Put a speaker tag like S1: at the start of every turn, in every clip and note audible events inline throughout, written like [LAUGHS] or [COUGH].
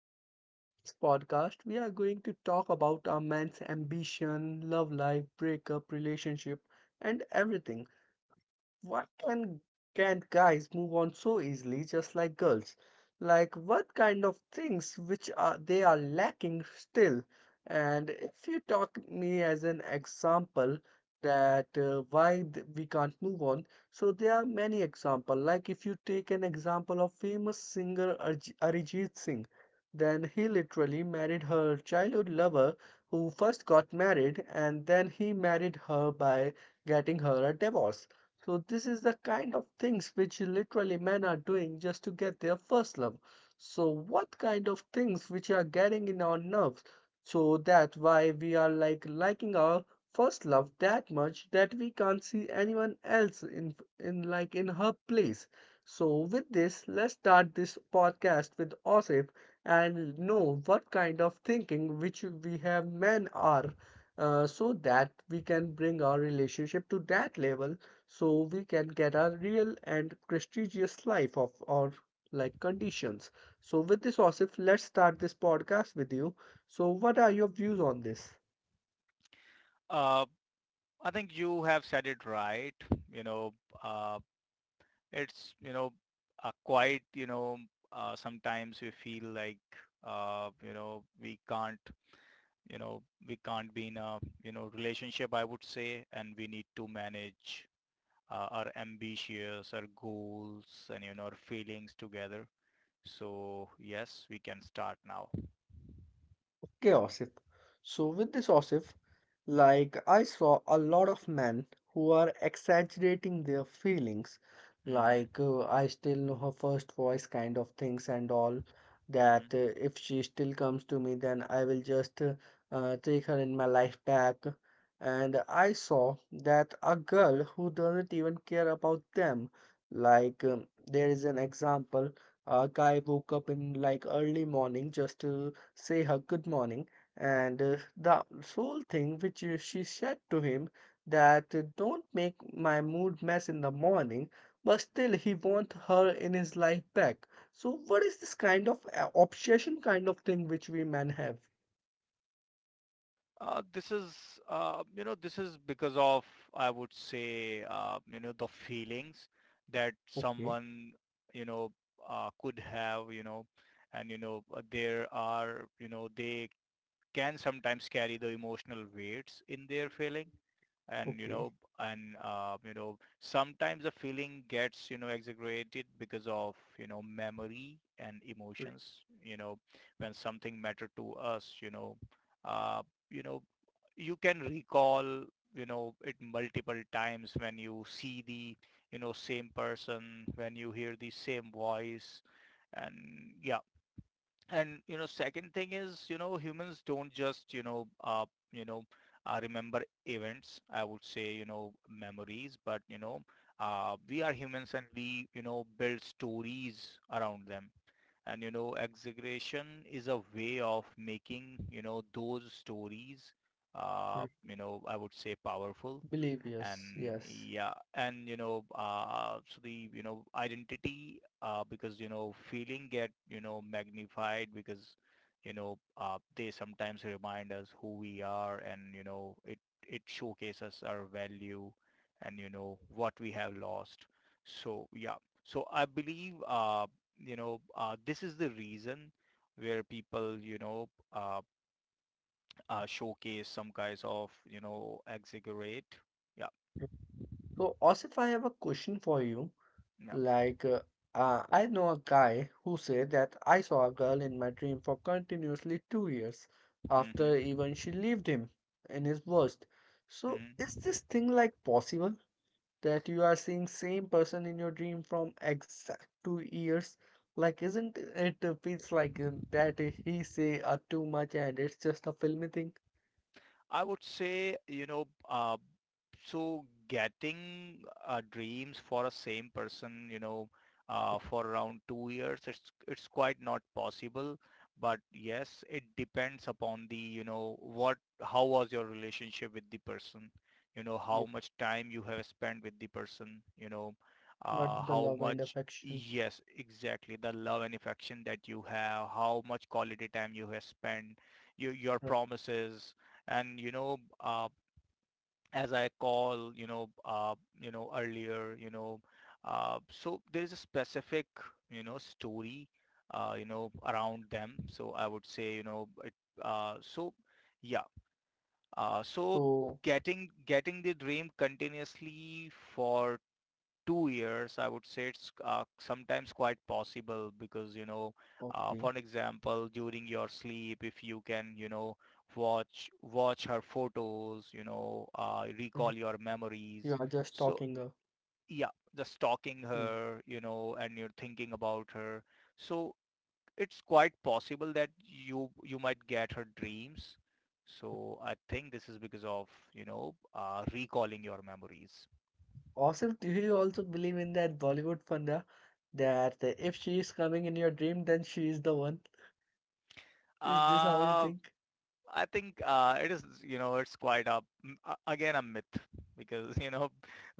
S1: And this podcast, we are going to talk about a man's ambition, love life, breakup, relationship, and everything. Why can guys move on so easily just like girls? Like what kind of things which are they are lacking still? And if you talk me as an example that why we can't move on, so there are many example. Like if you take an example of famous singer Arijit Singh, then he literally married her childhood lover who first got married and then he married her by getting her a divorce. So this is the kind of things which literally men are doing just to get their first love. So what kind of things which are getting in our nerves so that why we are like liking our first love that much that we can't see anyone else in like in her place. So with this, let's start this podcast with Osif and know what kind of thinking which we have men are so that we can bring our relationship to that level so we can get a real and prestigious life of our like conditions. So with this osif let's start this podcast with you. So what are your views on this?
S2: Uh, I think you have said it right. You know, uh, it's, you know, quite, you know, Sometimes we feel like, we can't, you know, we can't be in a, relationship, I would say, and we need to manage our ambitions, our goals, and, our feelings together. So yes, we can start now.
S1: Okay osif, so with this osif, like, I saw a lot of men who are exaggerating their feelings,
S2: Mm-hmm.
S1: like, I still know her first voice kind of things and all.
S2: Mm-hmm.
S1: That if she still comes to me, then I will just take her in my life back. And I saw that a girl who doesn't even care about them. Like, there is an example. A guy woke up in like early morning just to say her good morning and the sole thing which she said to him that don't make my mood mess in the morning, but still he wants her in his life back. So what is this kind of obsession kind of thing which we men have?
S2: Uh, this is, this is because of, I would say, the feelings that
S1: Okay,
S2: someone, you know, could have, there are, they can sometimes carry the emotional weights in their feeling. and you
S1: okay.
S2: know and uh, you know sometimes the feeling gets exaggerated because of memory and
S1: Re-
S2: emotions, when something mattered to us. Uh, you know you can recall it multiple times when you see the same person, when you hear the same voice. And yeah and, you know, Second thing is, humans don't just, you know, remember events. I would say, memories, but, we are humans and we, build stories around them, and exaggeration is a way of making those stories
S1: re-
S2: I would say powerful.
S1: Believe,
S2: And
S1: yes, yes.
S2: yeah and you know So the identity, because feeling get magnified because they sometimes remind us who we are, and it showcases our value and what we have lost. So yeah, so I believe this is the reason where people showcase some kinds of exaggerate. Yeah.
S1: So, Osif, I have a question for you.
S2: Yeah.
S1: Like, I know a guy who said that I saw a girl in my dream for continuously 2 years after
S2: Hmm.
S1: even she left him in his worst. So,
S2: Hmm.
S1: is this thing like possible that you are seeing same person in your dream from exact 2 years? Like, isn't it feels like that he say too much and it's just a filmy thing?
S2: I would say, so getting dreams for a same person, for around 2 years, it's quite not possible. But yes, it depends upon the, what, how was your relationship with the person,
S1: Yeah.
S2: how much time you have spent with the person,
S1: But the
S2: how
S1: love and
S2: much,
S1: affection,
S2: yes, exactly, the love and affection that you have, how much quality time you have spent, your
S1: right?
S2: promises and, as I call, earlier, so there's a specific, story, around them. So I would say, you know, it, so yeah, uh, so
S1: So,
S2: getting the dream continuously for 2 years, I would say it's sometimes quite possible because, for
S1: okay,
S2: an example, during your sleep, if you can, watch her photos, recall your
S1: you
S2: memories.
S1: are just
S2: So
S1: talking.
S2: yeah, just stalking
S1: Mm.
S2: her, and you're thinking about her. So it's quite possible that you might get her dreams. So I think this is because of, recalling your memories.
S1: Awesome, do you also believe in that Bollywood funda that if she is coming in your dream, then she is the one? Is this how you
S2: Uh,
S1: think?
S2: I think it is, it's quite a again a myth, because [LAUGHS]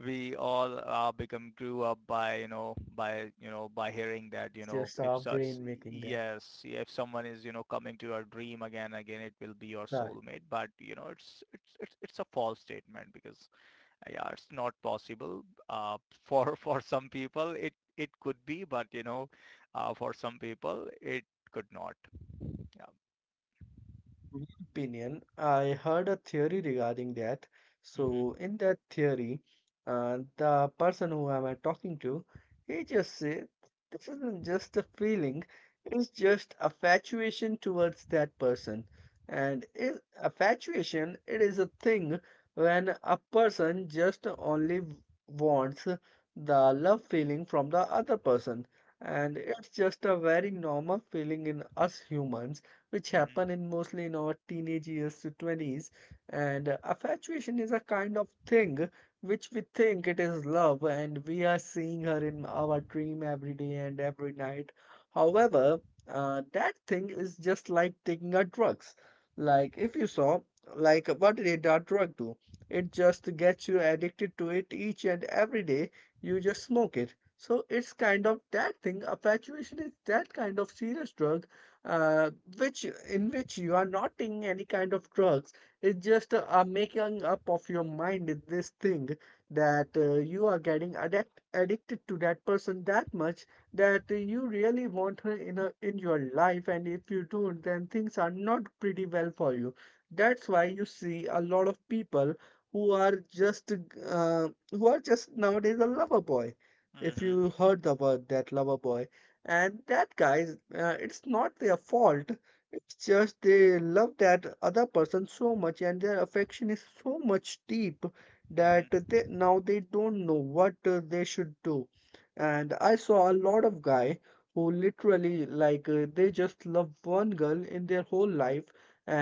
S2: we all become grew up by by hearing that,
S1: It's just
S2: if
S1: our
S2: such
S1: brain making that.
S2: yes if someone is coming to your dream again again, it will be your
S1: Right.
S2: soulmate, but it's a false statement, because yeah, it's not possible. Uh, [LAUGHS] For some people it it could be, but for some people it could not. Yeah.
S1: My opinion, I heard a theory regarding that.
S2: Mm-hmm.
S1: So, in that theory, the person who am I talking to, he just said, this isn't just a feeling, it's just a fatuation towards that person. And is a fatuation, it is a thing when a person just only wants the love feeling from the other person. And it's just a very normal feeling in us humans which
S2: Mm-hmm.
S1: happen in mostly in our teenage years to 20s. And infatuation is a kind of thing which we think it is love, and we are seeing her in our dream every day and every night. However, that thing is just like taking a drugs. Like if you saw, like what did a drug do? It just gets you addicted to it each and every day. You just smoke it. So it's kind of that thing. Infatuation is that kind of serious drug uh, which in which you are not taking any kind of drugs. It's just a making up of your mind in this thing that you are getting addicted to that person that much that you really want her in in your life, and if you don't, then things are not pretty well for you. That's why you see a lot of people who are just who are just nowadays a lover boy. If
S2: Mm-hmm.
S1: you heard the word that lover boy and that guys, it's not their fault. It's just they love that other person so much, and their affection is so much deep that
S2: Mm-hmm.
S1: they now they don't know what they should do. And I saw a lot of guy who literally like they just love one girl in their whole life,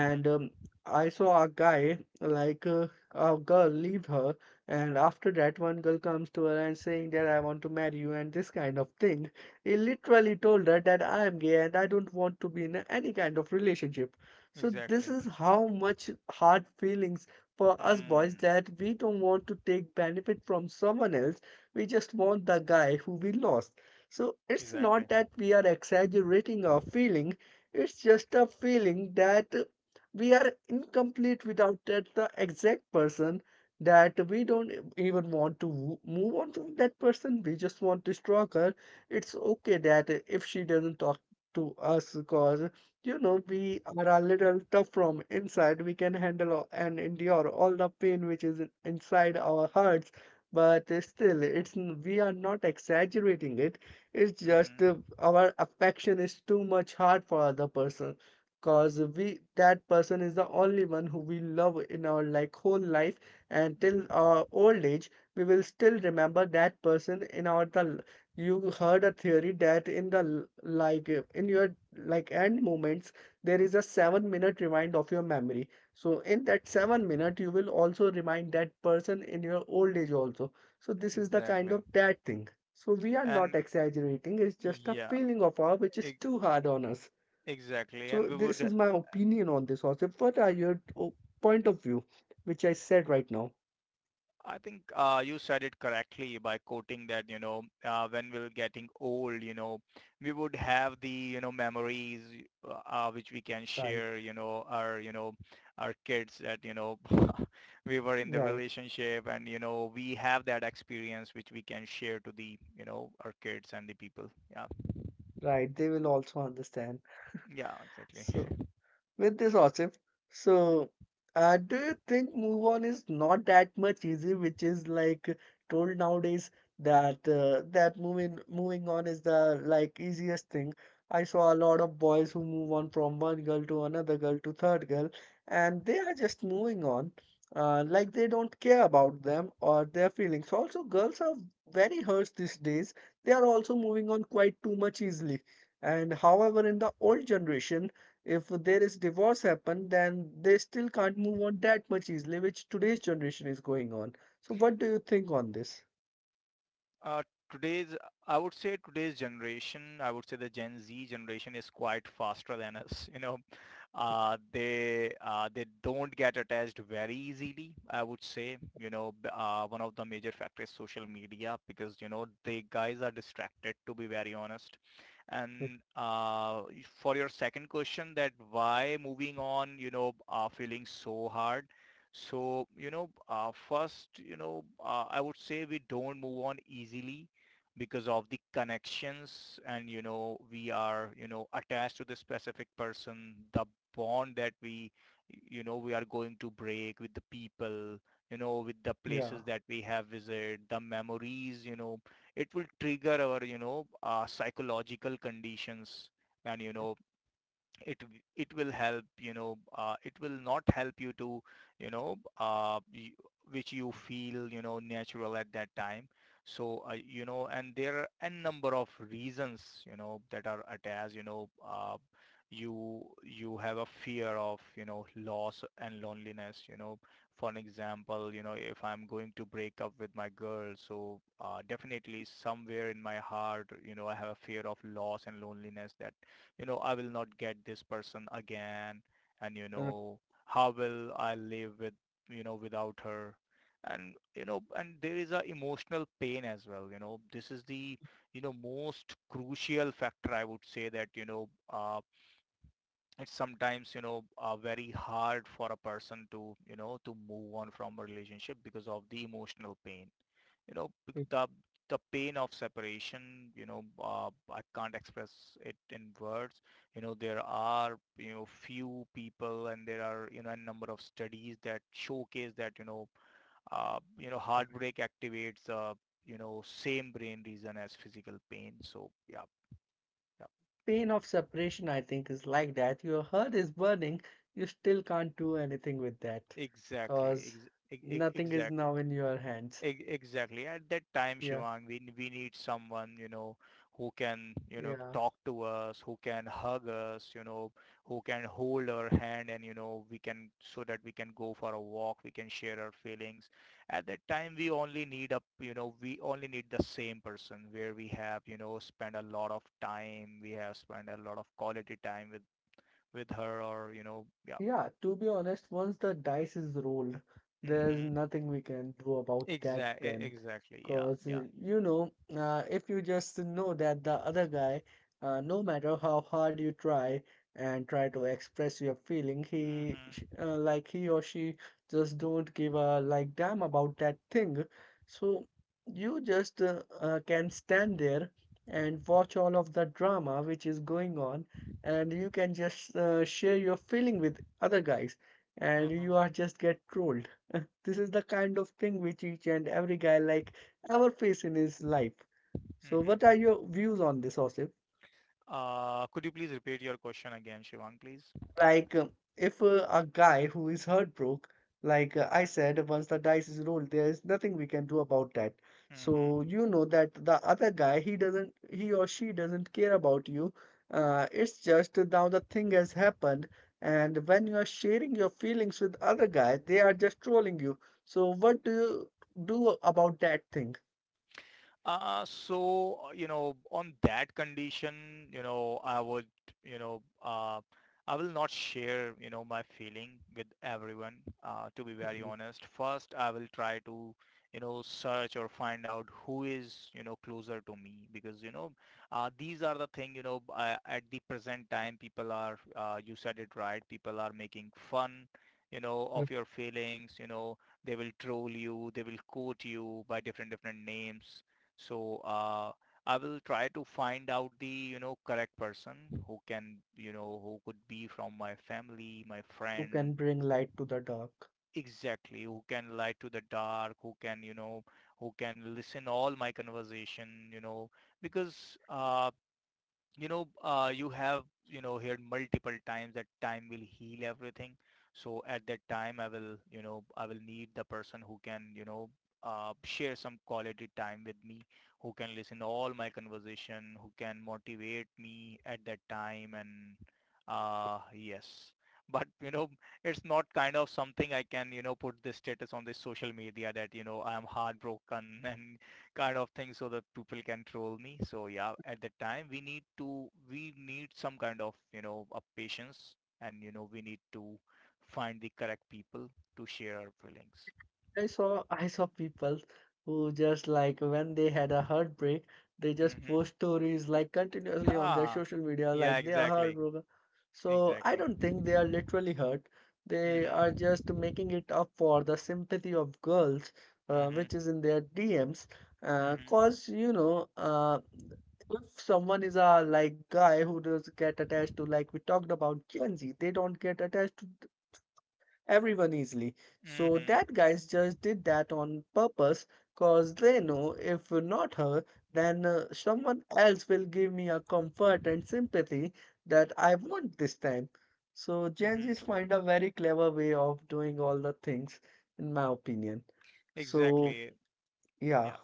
S2: Mm-hmm.
S1: I saw a guy like a girl leave her, and after that one girl comes to her and saying that I want to marry you and this kind of thing, he literally told her that I am gay and I don't want to be in any kind of relationship. So this
S2: Exactly.
S1: is how much hard feelings for us boys
S2: Mm.
S1: that we don't want to take benefit from someone else. We just want the guy who we lost. So it's not
S2: Exactly.
S1: that we are exaggerating our feeling. It's just a feeling that we are incomplete without that the exact person, that we don't even want to move on from that person. We just want to stalk her. It's okay that if she doesn't talk to us because you know we are a little tough from inside. We can handle and endure all the pain which is inside our hearts, but still it's we are not exaggerating it. It's just
S2: Mm-hmm.
S1: our affection is too much hard for other person because we that person is the only one who we love in our like whole life, and till
S2: Mm-hmm.
S1: our old age we will still remember that person in our the. You heard a theory that in the like in your like end moments there is a 7 minute remind of your memory, so in that 7 minute you will also remind that person in your old age also. So this is the kind of
S2: Exactly.
S1: that thing. So we are not
S2: And
S1: exaggerating, it's just a
S2: yeah,
S1: feeling of ours which is
S2: e-
S1: too hard on us.
S2: exactly.
S1: So
S2: And we
S1: this
S2: would,
S1: is my opinion on this also. What are your point of view which I said right now?
S2: I think you said it correctly by quoting that, when we're getting old, we would have the, memories which we can
S1: Right.
S2: share, our kids that, [LAUGHS] we were in the
S1: Right,
S2: relationship and, we have that experience which we can share to the, our kids and the people. Yeah.
S1: right, they will also understand.
S2: Yeah, exactly.
S1: So with this Asif. So, do you think move on is not that much easy, which is like told nowadays that that moving on is the like easiest thing. I saw a lot of boys who move on from one girl to another girl to third girl, and they are just moving on. Like they don't care about them or their feelings. Also, girls are very hurt these days. They are also moving on quite too much easily. And however, in the old generation, if there is divorce happen then they still can't move on that much easily which today's generation is going on. So what do you think on this?
S2: Uh, today's, I would say today's generation, I would say the Gen Z generation is quite faster than us. You know, they don't get attached very easily. I would say, one of the major factors is social media, because they guys are distracted. To be very honest, and for your second question, that why moving on, feeling so hard. So, first, I would say we don't move on easily because of the connections, and, we are, attached to the specific person, the bond that we, we are going to break, with the people, with the
S1: Yeah.
S2: places that we have visited, the memories, it will trigger our, psychological conditions, and, it will help it will not help you to you know uh, y- which you feel natural at that time. So and there are n number of reasons that are attached, you have a fear of loss and loneliness, for an example, if I'm going to break up with my girl, so definitely somewhere in my heart, I have a fear of loss and loneliness, that I will not get this person again. And,
S1: and I-
S2: how will I live with, without her? And, and there is a emotional pain as well. You know, this is the, you know, most crucial factor I would say, that, it's sometimes very hard for a person to to move on from a relationship because of the emotional pain. The pain of separation, I can't express it in words. There are few people, and there are a number of studies that showcase that heartbreak activates same brain region as physical pain. So yeah.
S1: Pain of separation I think is like that your heart is burning, you still can't do anything with that
S2: Yeah, exactly.
S1: cause nothing is
S2: Exactly.
S1: now in your hands.
S2: Exactly. At that time,
S1: Yeah,
S2: Shivang, we need someone, who can,
S1: yeah.
S2: talk to us, who can hug us, who can hold our hand, and, we can, so that we can go for a walk, we can share our feelings. At that time, we only need a, we only need the same person where we have, spent a lot of time, we have spent a lot of quality time with her or, yeah.
S1: Yeah, to be honest, once the dice is rolled, there's
S2: Mm-hmm.
S1: nothing we can do about that
S2: Exactly.
S1: then.
S2: Exactly. Yeah.
S1: Because,
S2: Yeah.
S1: you know, if you just know that the other guy, no matter how hard you try and try to express your feeling,
S2: Mm-hmm.
S1: like he or she just don't give a like damn about that thing. So you just can stand there and watch all of the drama which is going on, and you can just share your feeling with other guys and you are
S2: Mm-hmm.
S1: just get trolled. [LAUGHS] This is the kind of thing which each and every guy like ever face in his life. So what
S2: Mm-hmm.
S1: are your views on this osif?
S2: Could you please repeat your question again, Shivang, please?
S1: Like, if a guy who is heartbroken, like I said, once the dice is rolled, there is nothing we can do about that. So
S2: Hmm.
S1: you know that the other guy, he or she doesn't care about you. It's just now the thing has happened, and when you are sharing your feelings with other guy, they are just trolling you. So what do you do about that thing?
S2: So, on that condition, I would, you know, uh, I will not share, my feeling with everyone, to be very
S1: Mhm.
S2: honest. First, I will try to, search or find out who is, closer to me, because, these are the thing, at the present time, people are, you said it right, people are making fun, of your feelings, they will troll you, they will quote you by different, different names. So I will try to find out the, correct person who can, who could be from my family, my
S1: Who
S2: friend,
S1: can bring light to the dark?
S2: exactly, who can light to the dark, who can, who can listen all my conversation, because you have heard multiple times that time will heal everything. So at that time, I will I will need the person who can share some quality time with me, who can listen all my conversation, who can motivate me at that time. And yes. [LAUGHS] But it's not kind of something I can put this status on this social media, that I am heartbroken [LAUGHS] and kind of thing, so that people can troll me. So yeah, at the time we need to we need some kind of a patience, and we need to find the correct people to share our feelings.
S1: I saw [LAUGHS] I saw people who just like when they had a heartbreak, they just
S2: Hmm.
S1: post stories like continuously on their
S2: Ah,
S1: social media,
S2: yeah,
S1: like they are
S2: exactly,
S1: heartbroken. So I
S2: exactly.
S1: don't think they are literally hurt. They are
S2: Hmm.
S1: just making it up for the sympathy of girls, which is
S2: Hmm.
S1: in their DMs.
S2: Hmm.
S1: Cause you know, if someone is a like guy who does get attached to like we talked about Gen Z, they don't get attached to everyone easily. So
S2: Hmm.
S1: that guys just did that on purpose cause they know if not her, then someone else will give me a comfort and sympathy that I want this time. So Gen
S2: Hmm.
S1: Z's find a very clever way of doing all the things, in my opinion. So
S2: Exactly.
S1: yeah.
S2: Yeah.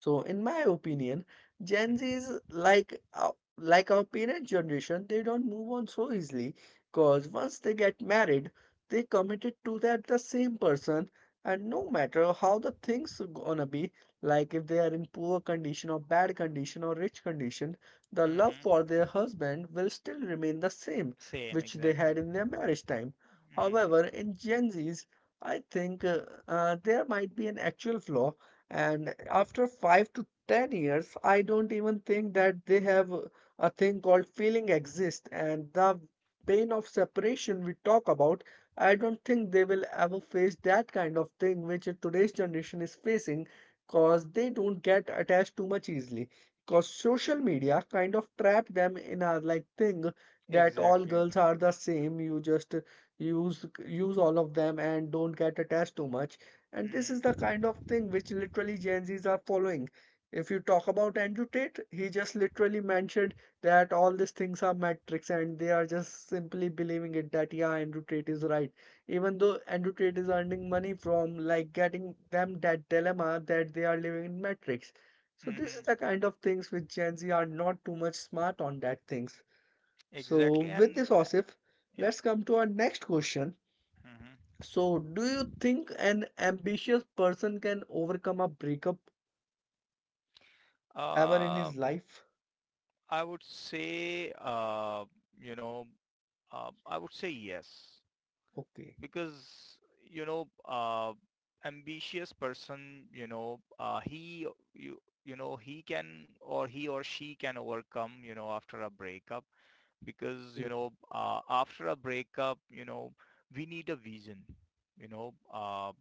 S1: So, in my opinion, Gen Z
S2: Hmm.
S1: is like our parent generation. They don't move on so easily because once they get married, they committed to that the same person, and no matter how the things gonna be, like if they are in poor condition or bad condition or rich condition, the love
S2: Hmm.
S1: for their husband will still remain the same
S2: Same.
S1: which they
S2: Exactly.
S1: had in their marriage time.
S2: Hmm.
S1: However, in Gen Z's, I think there might be an actual flaw, and after 5 to 10 years, I don't even think that they have a thing called feeling exist. And the pain of separation we talk about, I don't think they will ever face that kind of thing which today's generation is facing because they don't get attached too much easily. Because social media kind of trapped them in a like thing that all
S2: Exactly.
S1: girls are the same. You just use all of them and don't get attached too much, and this is the
S2: Hmm.
S1: kind of thing which literally Gen Zs are following. If you talk about Andrew Tate, he just literally mentioned that all these things are metrics and they are just simply believing it that yeah, Andrew Tate is right. Even though Andrew Tate is earning money from like getting them that dilemma that they are living in metrics. So this is
S2: Hmm.
S1: the kind of things which Gen Z are not too much smart on that things. So
S2: Exactly.
S1: with this,
S2: And
S1: Osif,
S2: yeah.
S1: let's come to our next question, so do you think an ambitious person can overcome a breakup ever in
S2: Hmm.
S1: his life?
S2: I would say, uh, you know, I would say yes
S1: Okay.
S2: because, you know, uh, ambitious person, he you he can, or he or she can overcome after a breakup because,
S1: Mm.
S2: after a breakup, we need a vision. you know, uh,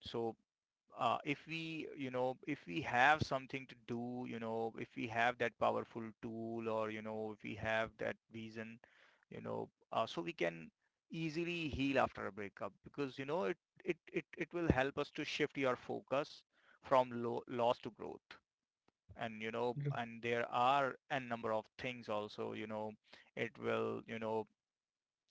S2: so, if if we have something to do, if we have that powerful tool, or if we have that reason, so we can easily heal after a breakup because it will help us to shift your focus from loss to growth. And there are a number of things also. It will, you know,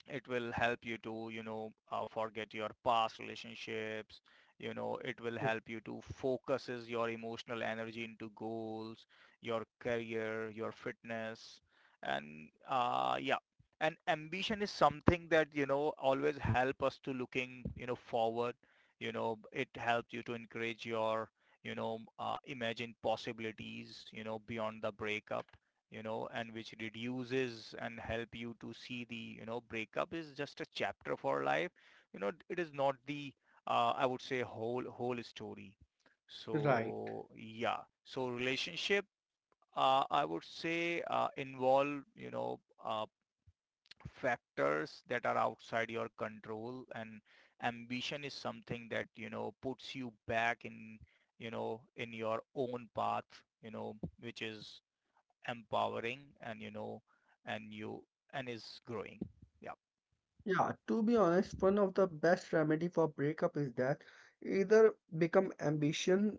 S2: it will help you to, forget your past relationships. It will
S1: R-
S2: help you to focuses your emotional energy into goals, your career, your fitness. And yeah, and ambition is something that always help us to looking forward. It helps you to encourage your, imagine possibilities beyond the breakup, and which reduces and help you to see the breakup is just a chapter for life. It is not the, I would say, whole story.
S1: Right.
S2: So yeah, so relationship, I would say, involve, factors that are outside your control, and ambition is something that puts you back in your own path which is empowering, and and you and is growing. Yeah.
S1: Yeah, to be honest, one of the best remedy for breakup is that either become ambition,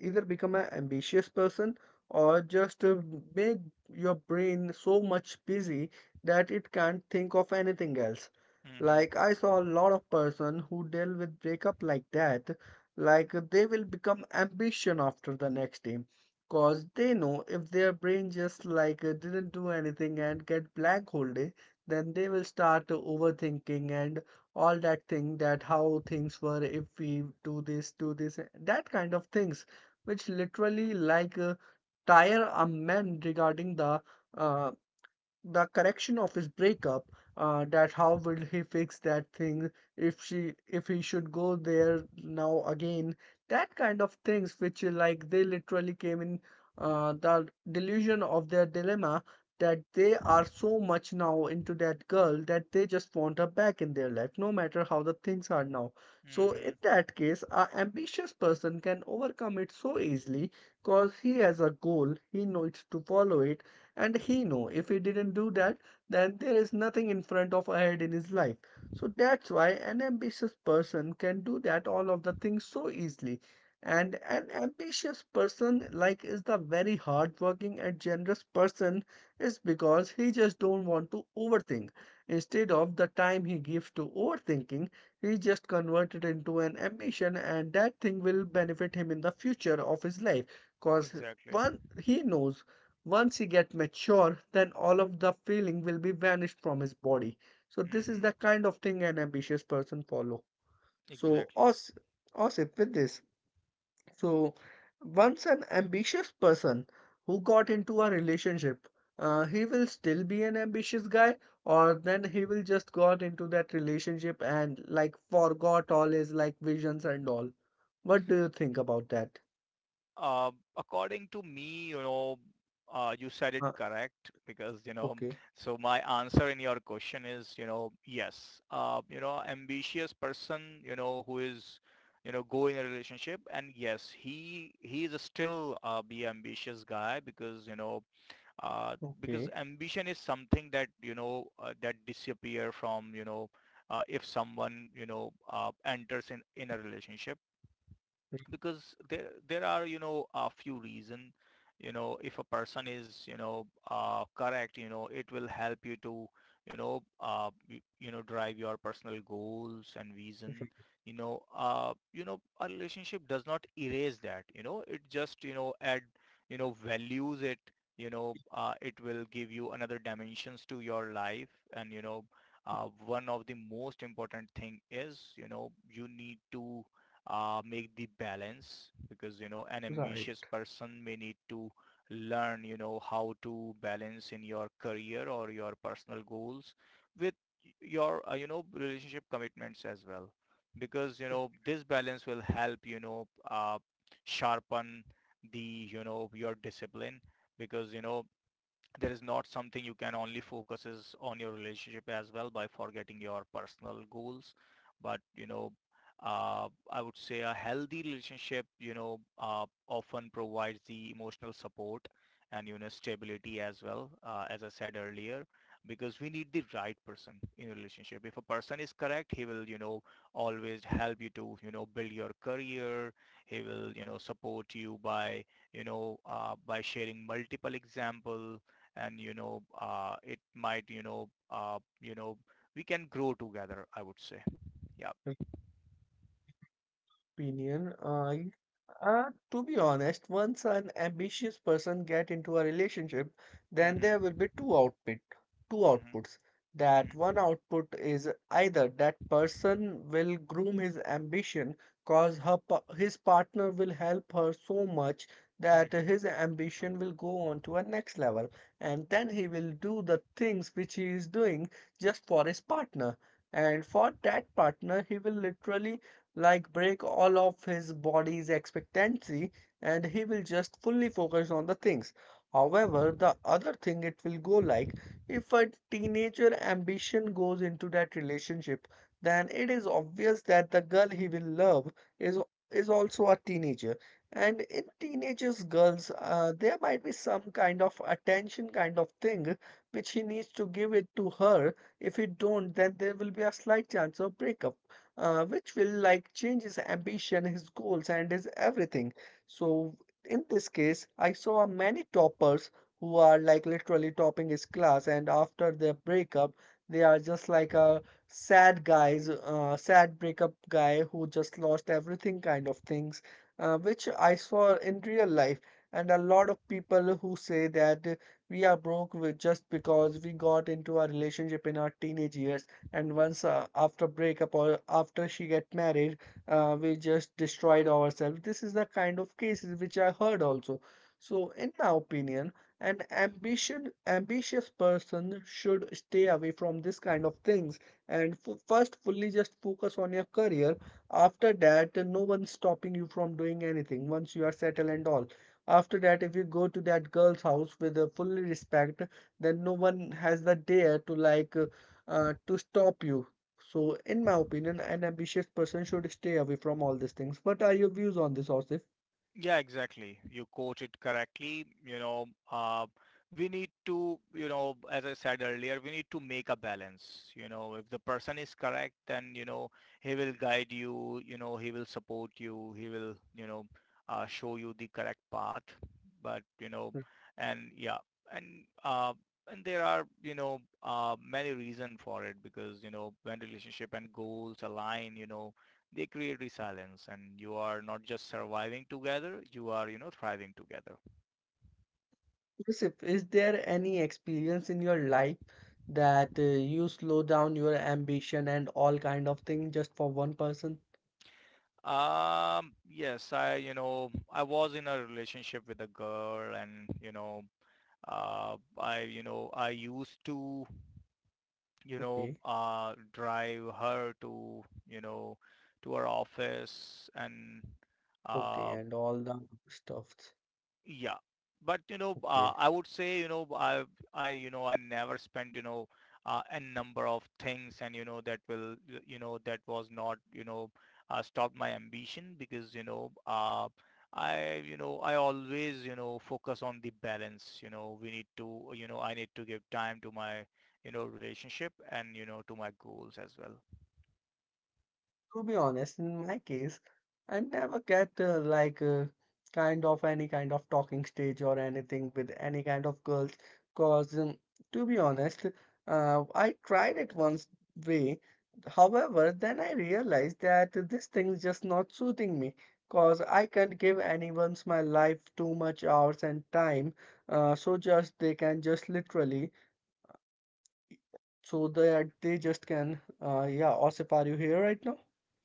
S1: either become an ambitious person, or just make your brain so much busy that it can't think of anything else.
S2: Mhm.
S1: Like I saw a lot of person who deal with breakup like that, like they will become ambition after the next day. Cause they know if their brain just like didn't do anything and get blank whole day, then they will start overthinking and all that thing that how things were, if we do this, that kind of things, which literally like tire a man regarding the uh, the correction of his breakup, that how will he fix that thing, if she if he should go there now again, that kind of things which like they literally came in the delusion of their dilemma, that they are so much now into that girl that they just want her back in their life no matter how the things are now. So in
S2: Mhm.
S1: that case, a ambitious person can overcome it so easily because he has a goal, he needs to follow it. And he know if he didn't do that, then there is nothing in front of ahead in his life. So that's why an ambitious person can do that all of the things so easily. And an ambitious person like is the very hardworking and generous person, is because he just don't want to overthink. Instead of the time he gives to overthinking, he just converted into an ambition, and that thing will benefit him in the future of his life. Cause
S2: Exactly.
S1: one he knows, once he gets mature, then all of the feeling will be vanished from his body. So this is the
S2: Mhm.
S1: kind of thing an ambitious person follow. So
S2: Exactly.
S1: Osip, with this. So once an ambitious person who got into a relationship, he will still be an ambitious guy, or then he will just got into that relationship and like forgot all his like visions and all. What do you think about that?
S2: Uh, According to me, you know you said it
S1: Uh,
S2: correct because,
S1: okay,
S2: so my answer in your question is, yes. You know, ambitious person, who is, go in a relationship, and yes, he is still, be ambitious guy because, because
S1: okay,
S2: ambition is something that, that disappear from, if someone, enters in a relationship
S1: right,
S2: because there are, a few reason. If a person is, correct, it will help you to, drive your personal goals and vision. You know, a relationship does not erase that, it just, add, values it. It will give you another dimensions to your life, and, one of the most important thing is, you need to, make the balance, because an ambitious person may need to learn how to balance in your career or your personal goals with your, relationship commitments as well, because this balance will help, sharpen the, your discipline, because, there is not something you can only focus is on your relationship as well by forgetting your personal goals. But I would say a healthy relationship, often provides the emotional support, and, stability as well, as I said earlier, because we need the right person in a relationship. If a person is correct, he will, always help you to, build your career. He will, support you by, by sharing multiple example, and, it might, we can grow together, I would say. Yeah.
S1: right. Opinion. Uh, to be honest, once an ambitious person get into a relationship, then there
S2: Mhm.
S1: will be two output, two
S2: Mhm.
S1: outputs. That one
S2: Mhm.
S1: output is either that person will groom his ambition, cause his partner will help her so much that
S2: Mhm.
S1: his ambition will go on to a next level, and then he will do the things which he is doing just for his partner, and for that partner he will literally like break all of his body's expectancy and he will just fully focus on the things. However, the other thing it will go like if a teenager ambition goes into that relationship, then it is obvious that the girl he will love is also a teenager. And in teenagers, girls, there might be some kind of attention kind of thing which he needs to give it to her. If he don't, then there will be a slight chance of breakup, which will like change his ambition, his goals, and his everything. So in this case, I saw many toppers who are like literally topping his class, and after their breakup, they are just like a sad guys, sad breakup guy who just lost everything kind of things, which I saw in real life. And a lot of people who say that we are broke with just because we got into a relationship in our teenage years, and once after breakup or after she get married, we just destroyed ourselves. This is the kind of cases which I heard also. So in my opinion, an ambition ambitious person should stay away from this kind of things, and first fully just focus on your career. After that, no one's stopping you from doing anything once you are settled and all. After that, if you go to that girl's house with a full respect, then no one has the dare to like to stop you. So, in my opinion, an ambitious person should stay away from all these things. What are your views on this, Osif?
S2: Yeah, exactly. You quote it correctly. We need to, you know, As I said earlier, we need to make a balance. If the person is correct, then, he will guide you, he will support you, he will, show you the correct path. But, you know, and yeah, and, uh, and there are, many reason for it because, when relationship and goals align, they create resilience, and you are not just surviving together, you are, thriving together.
S1: Osif, is there any experience in your life that you slow down your ambition and all kind of thing just for one person?
S2: Yes, I you know I was in a relationship with a girl, and, I used to,
S1: Okay,
S2: drive her to, you know.
S1: okay, and all the stuffs. Okay. To be honest, in my case, I never get kind of any kind of talking stage or anything with any kind of girls. Cause to be honest, I tried it once way. However, then I realized that this thing is just not suiting me. Cause I can't give anyone's my life too much hours and time. So just they can just literally so that they just can yeah, Osip, are you here right now?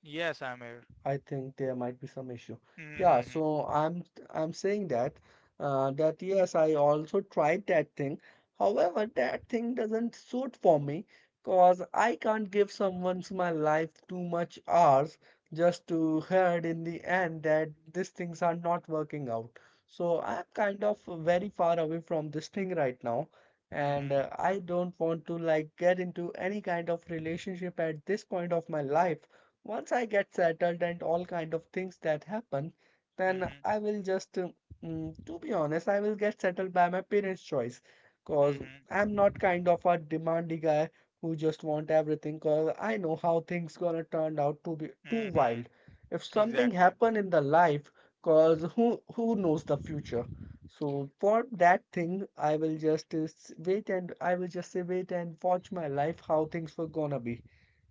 S2: Yes, Amir.
S1: I think there might be some issue.
S2: Am
S1: Yeah,
S2: Mm-hmm.
S1: so I'm saying that that yes, I also tried that thing. However, that thing doesn't suit for me because I can't give someone's my life too much hours just to heard in the end that these things are not working out. So I'm kind of very far away from this thing right now, and
S2: Mm-hmm.
S1: I don't want to like get into any kind of relationship at this point of my life. Once I get settled and all kind of things that happen, then
S2: Mm-hmm.
S1: I will just, mm, to be honest, I will get settled by my parents' choice. Cause
S2: Mm-hmm.
S1: I'm not kind of a demandy guy who just want everything. Cause I know how things gonna turn out to be too
S2: Mm-hmm.
S1: wild. If something
S2: Exactly.
S1: happen in the life,
S2: Mm-hmm.
S1: cause who knows the future? So for that thing, I will just wait, and I will just say wait and watch my life how things were gonna be.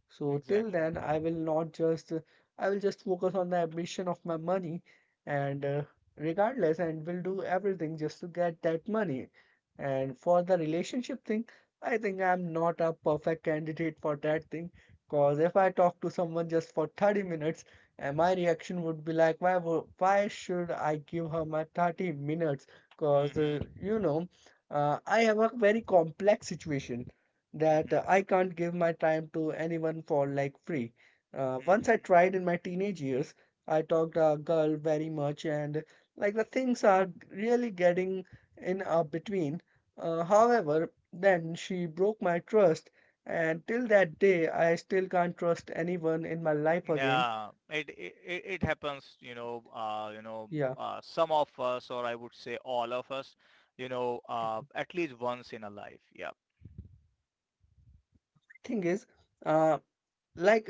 S1: So till
S2: Exactly.
S1: then, I will not just I will just focus on the ambition of my money and regardless and will do everything just to get that money. And for the relationship thing, I think I'm not a perfect candidate for that thing. Cause if I talk to someone just for 30 minutes, and my reaction would be like, why should I give her my 30 minutes? Cause
S2: Mm-hmm.
S1: I have a very complex situation that
S2: Mm-hmm.
S1: I can't give my time to anyone for like free. Once I
S2: Mm-hmm.
S1: tried in my teenage years, I talked a girl very much, and like the things are really getting in between. However, then she broke my trust, and till that day, I still can't trust anyone in my life again.
S2: Yeah, it happens.
S1: Yeah,
S2: Some of us, or I would say all of us, at least once in a life. Yeah.
S1: thing is, uh, like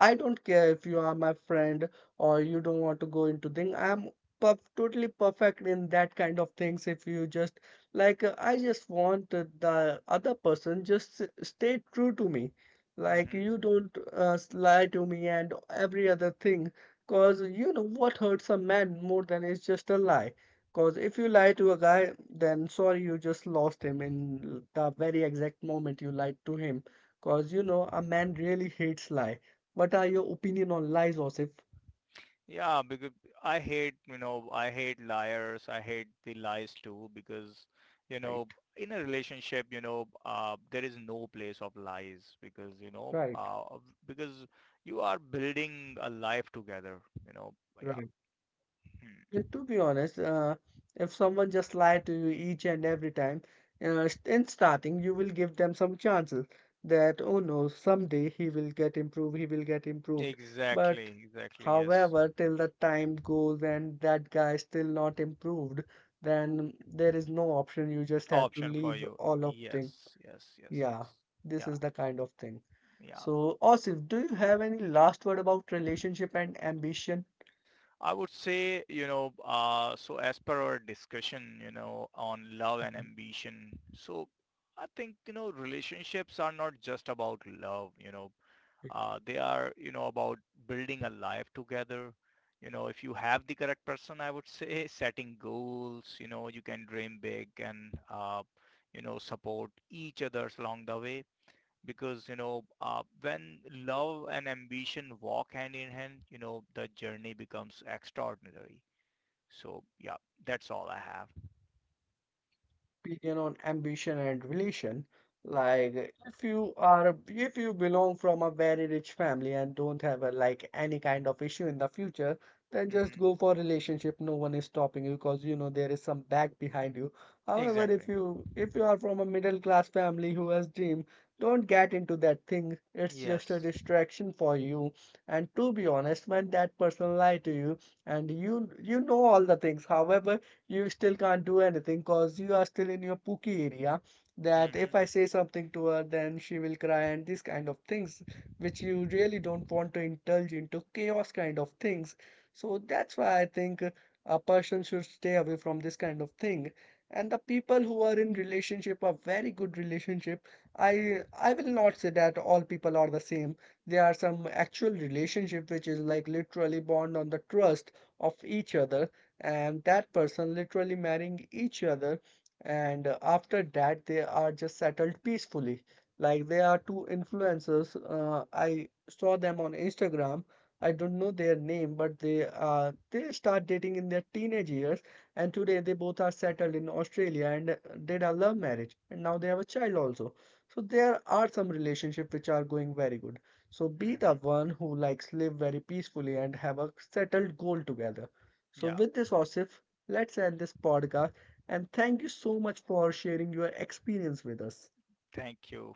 S1: I don't care if you are my friend or you don't want to go into thing. Totally perfect in that kind of things. If you just like, I just want the other person just stay true to me. Like
S2: Mm-hmm.
S1: you don't lie to me and every other thing. Cause you know what hurts a man more than is just a lie. Cause if you lie to a guy, then sorry, you just lost him in the very exact moment you lied to him. Cause you know a man really hates lie. What are your opinion on lies, Osif?
S2: Yeah, because I hate liars. I hate the lies too because, you
S1: Right?
S2: know, in a relationship, there is no place of lies because, you know,
S1: Right,
S2: uh, because you are building a life together, you know. Yeah.
S1: right.
S2: Hmm.
S1: And to be honest, if someone just lie to you each and every time, in starting, you will give them some chances that, oh no, someday he will get improved, he will get improved.
S2: Exactly,
S1: But
S2: exactly. Yes.
S1: however, till the time goes and that guy is still not improved, then there is no option. You just have to
S2: Option for
S1: leave
S2: you.
S1: all of thing.
S2: Yes, yes, yes,
S1: Yeah,
S2: yes.
S1: this is
S2: Yeah,
S1: the kind of thing.
S2: yeah.
S1: So, Osif, do you have any last word about relationship and ambition?
S2: I would say, so as per our discussion, on love and ambition. So I think, relationships are not just about love, they are, about building a life together. If you have the correct person, I would say [LAUGHS] setting goals, you can dream big, and, support each other along the way, because, when love and ambition walk hand in hand, the journey becomes extraordinary. So yeah, that's all I have.
S1: Opinion on ambition and relation. Like if you are, if you belong from a very rich family and don't have a, like any kind of issue in the future, then just go
S2: Hmm.
S1: for relationship. No one is stopping you because you know there is some back behind you. However, if
S2: Exactly.
S1: you, if you are from a middle class family who has dream, don't get into that thing. It's just a
S2: Yes.
S1: distraction for you. And to be honest, when that person lie to you and you you know all the things. However, you still can't do anything because you are still in your pookie area. That if
S2: Hmm.
S1: I say something to her, then she will cry, and these kind of things, which you really don't want to indulge into chaos kind of things. So that's why I think a person should stay away from this kind of thing. And the people who are in relationship, a very good relationship, I will not say that all people are the same. There are some actual relationship which is like literally bond on the trust of each other, and that person literally marrying each other, and after that they are just settled peacefully. Like they are two influencers, I saw them on Instagram. I don't know their name, but they start dating in their teenage years, and today they both are settled in Australia and did a love marriage and now they have a child also. So there are some relationships which are going very good. So be the
S2: Hmm.
S1: one who likes live very peacefully and have a settled goal together. So,
S2: Yeah.
S1: with this, Osif, let's end this podcast. And thank you so much for sharing your experience with us.
S2: Thank you.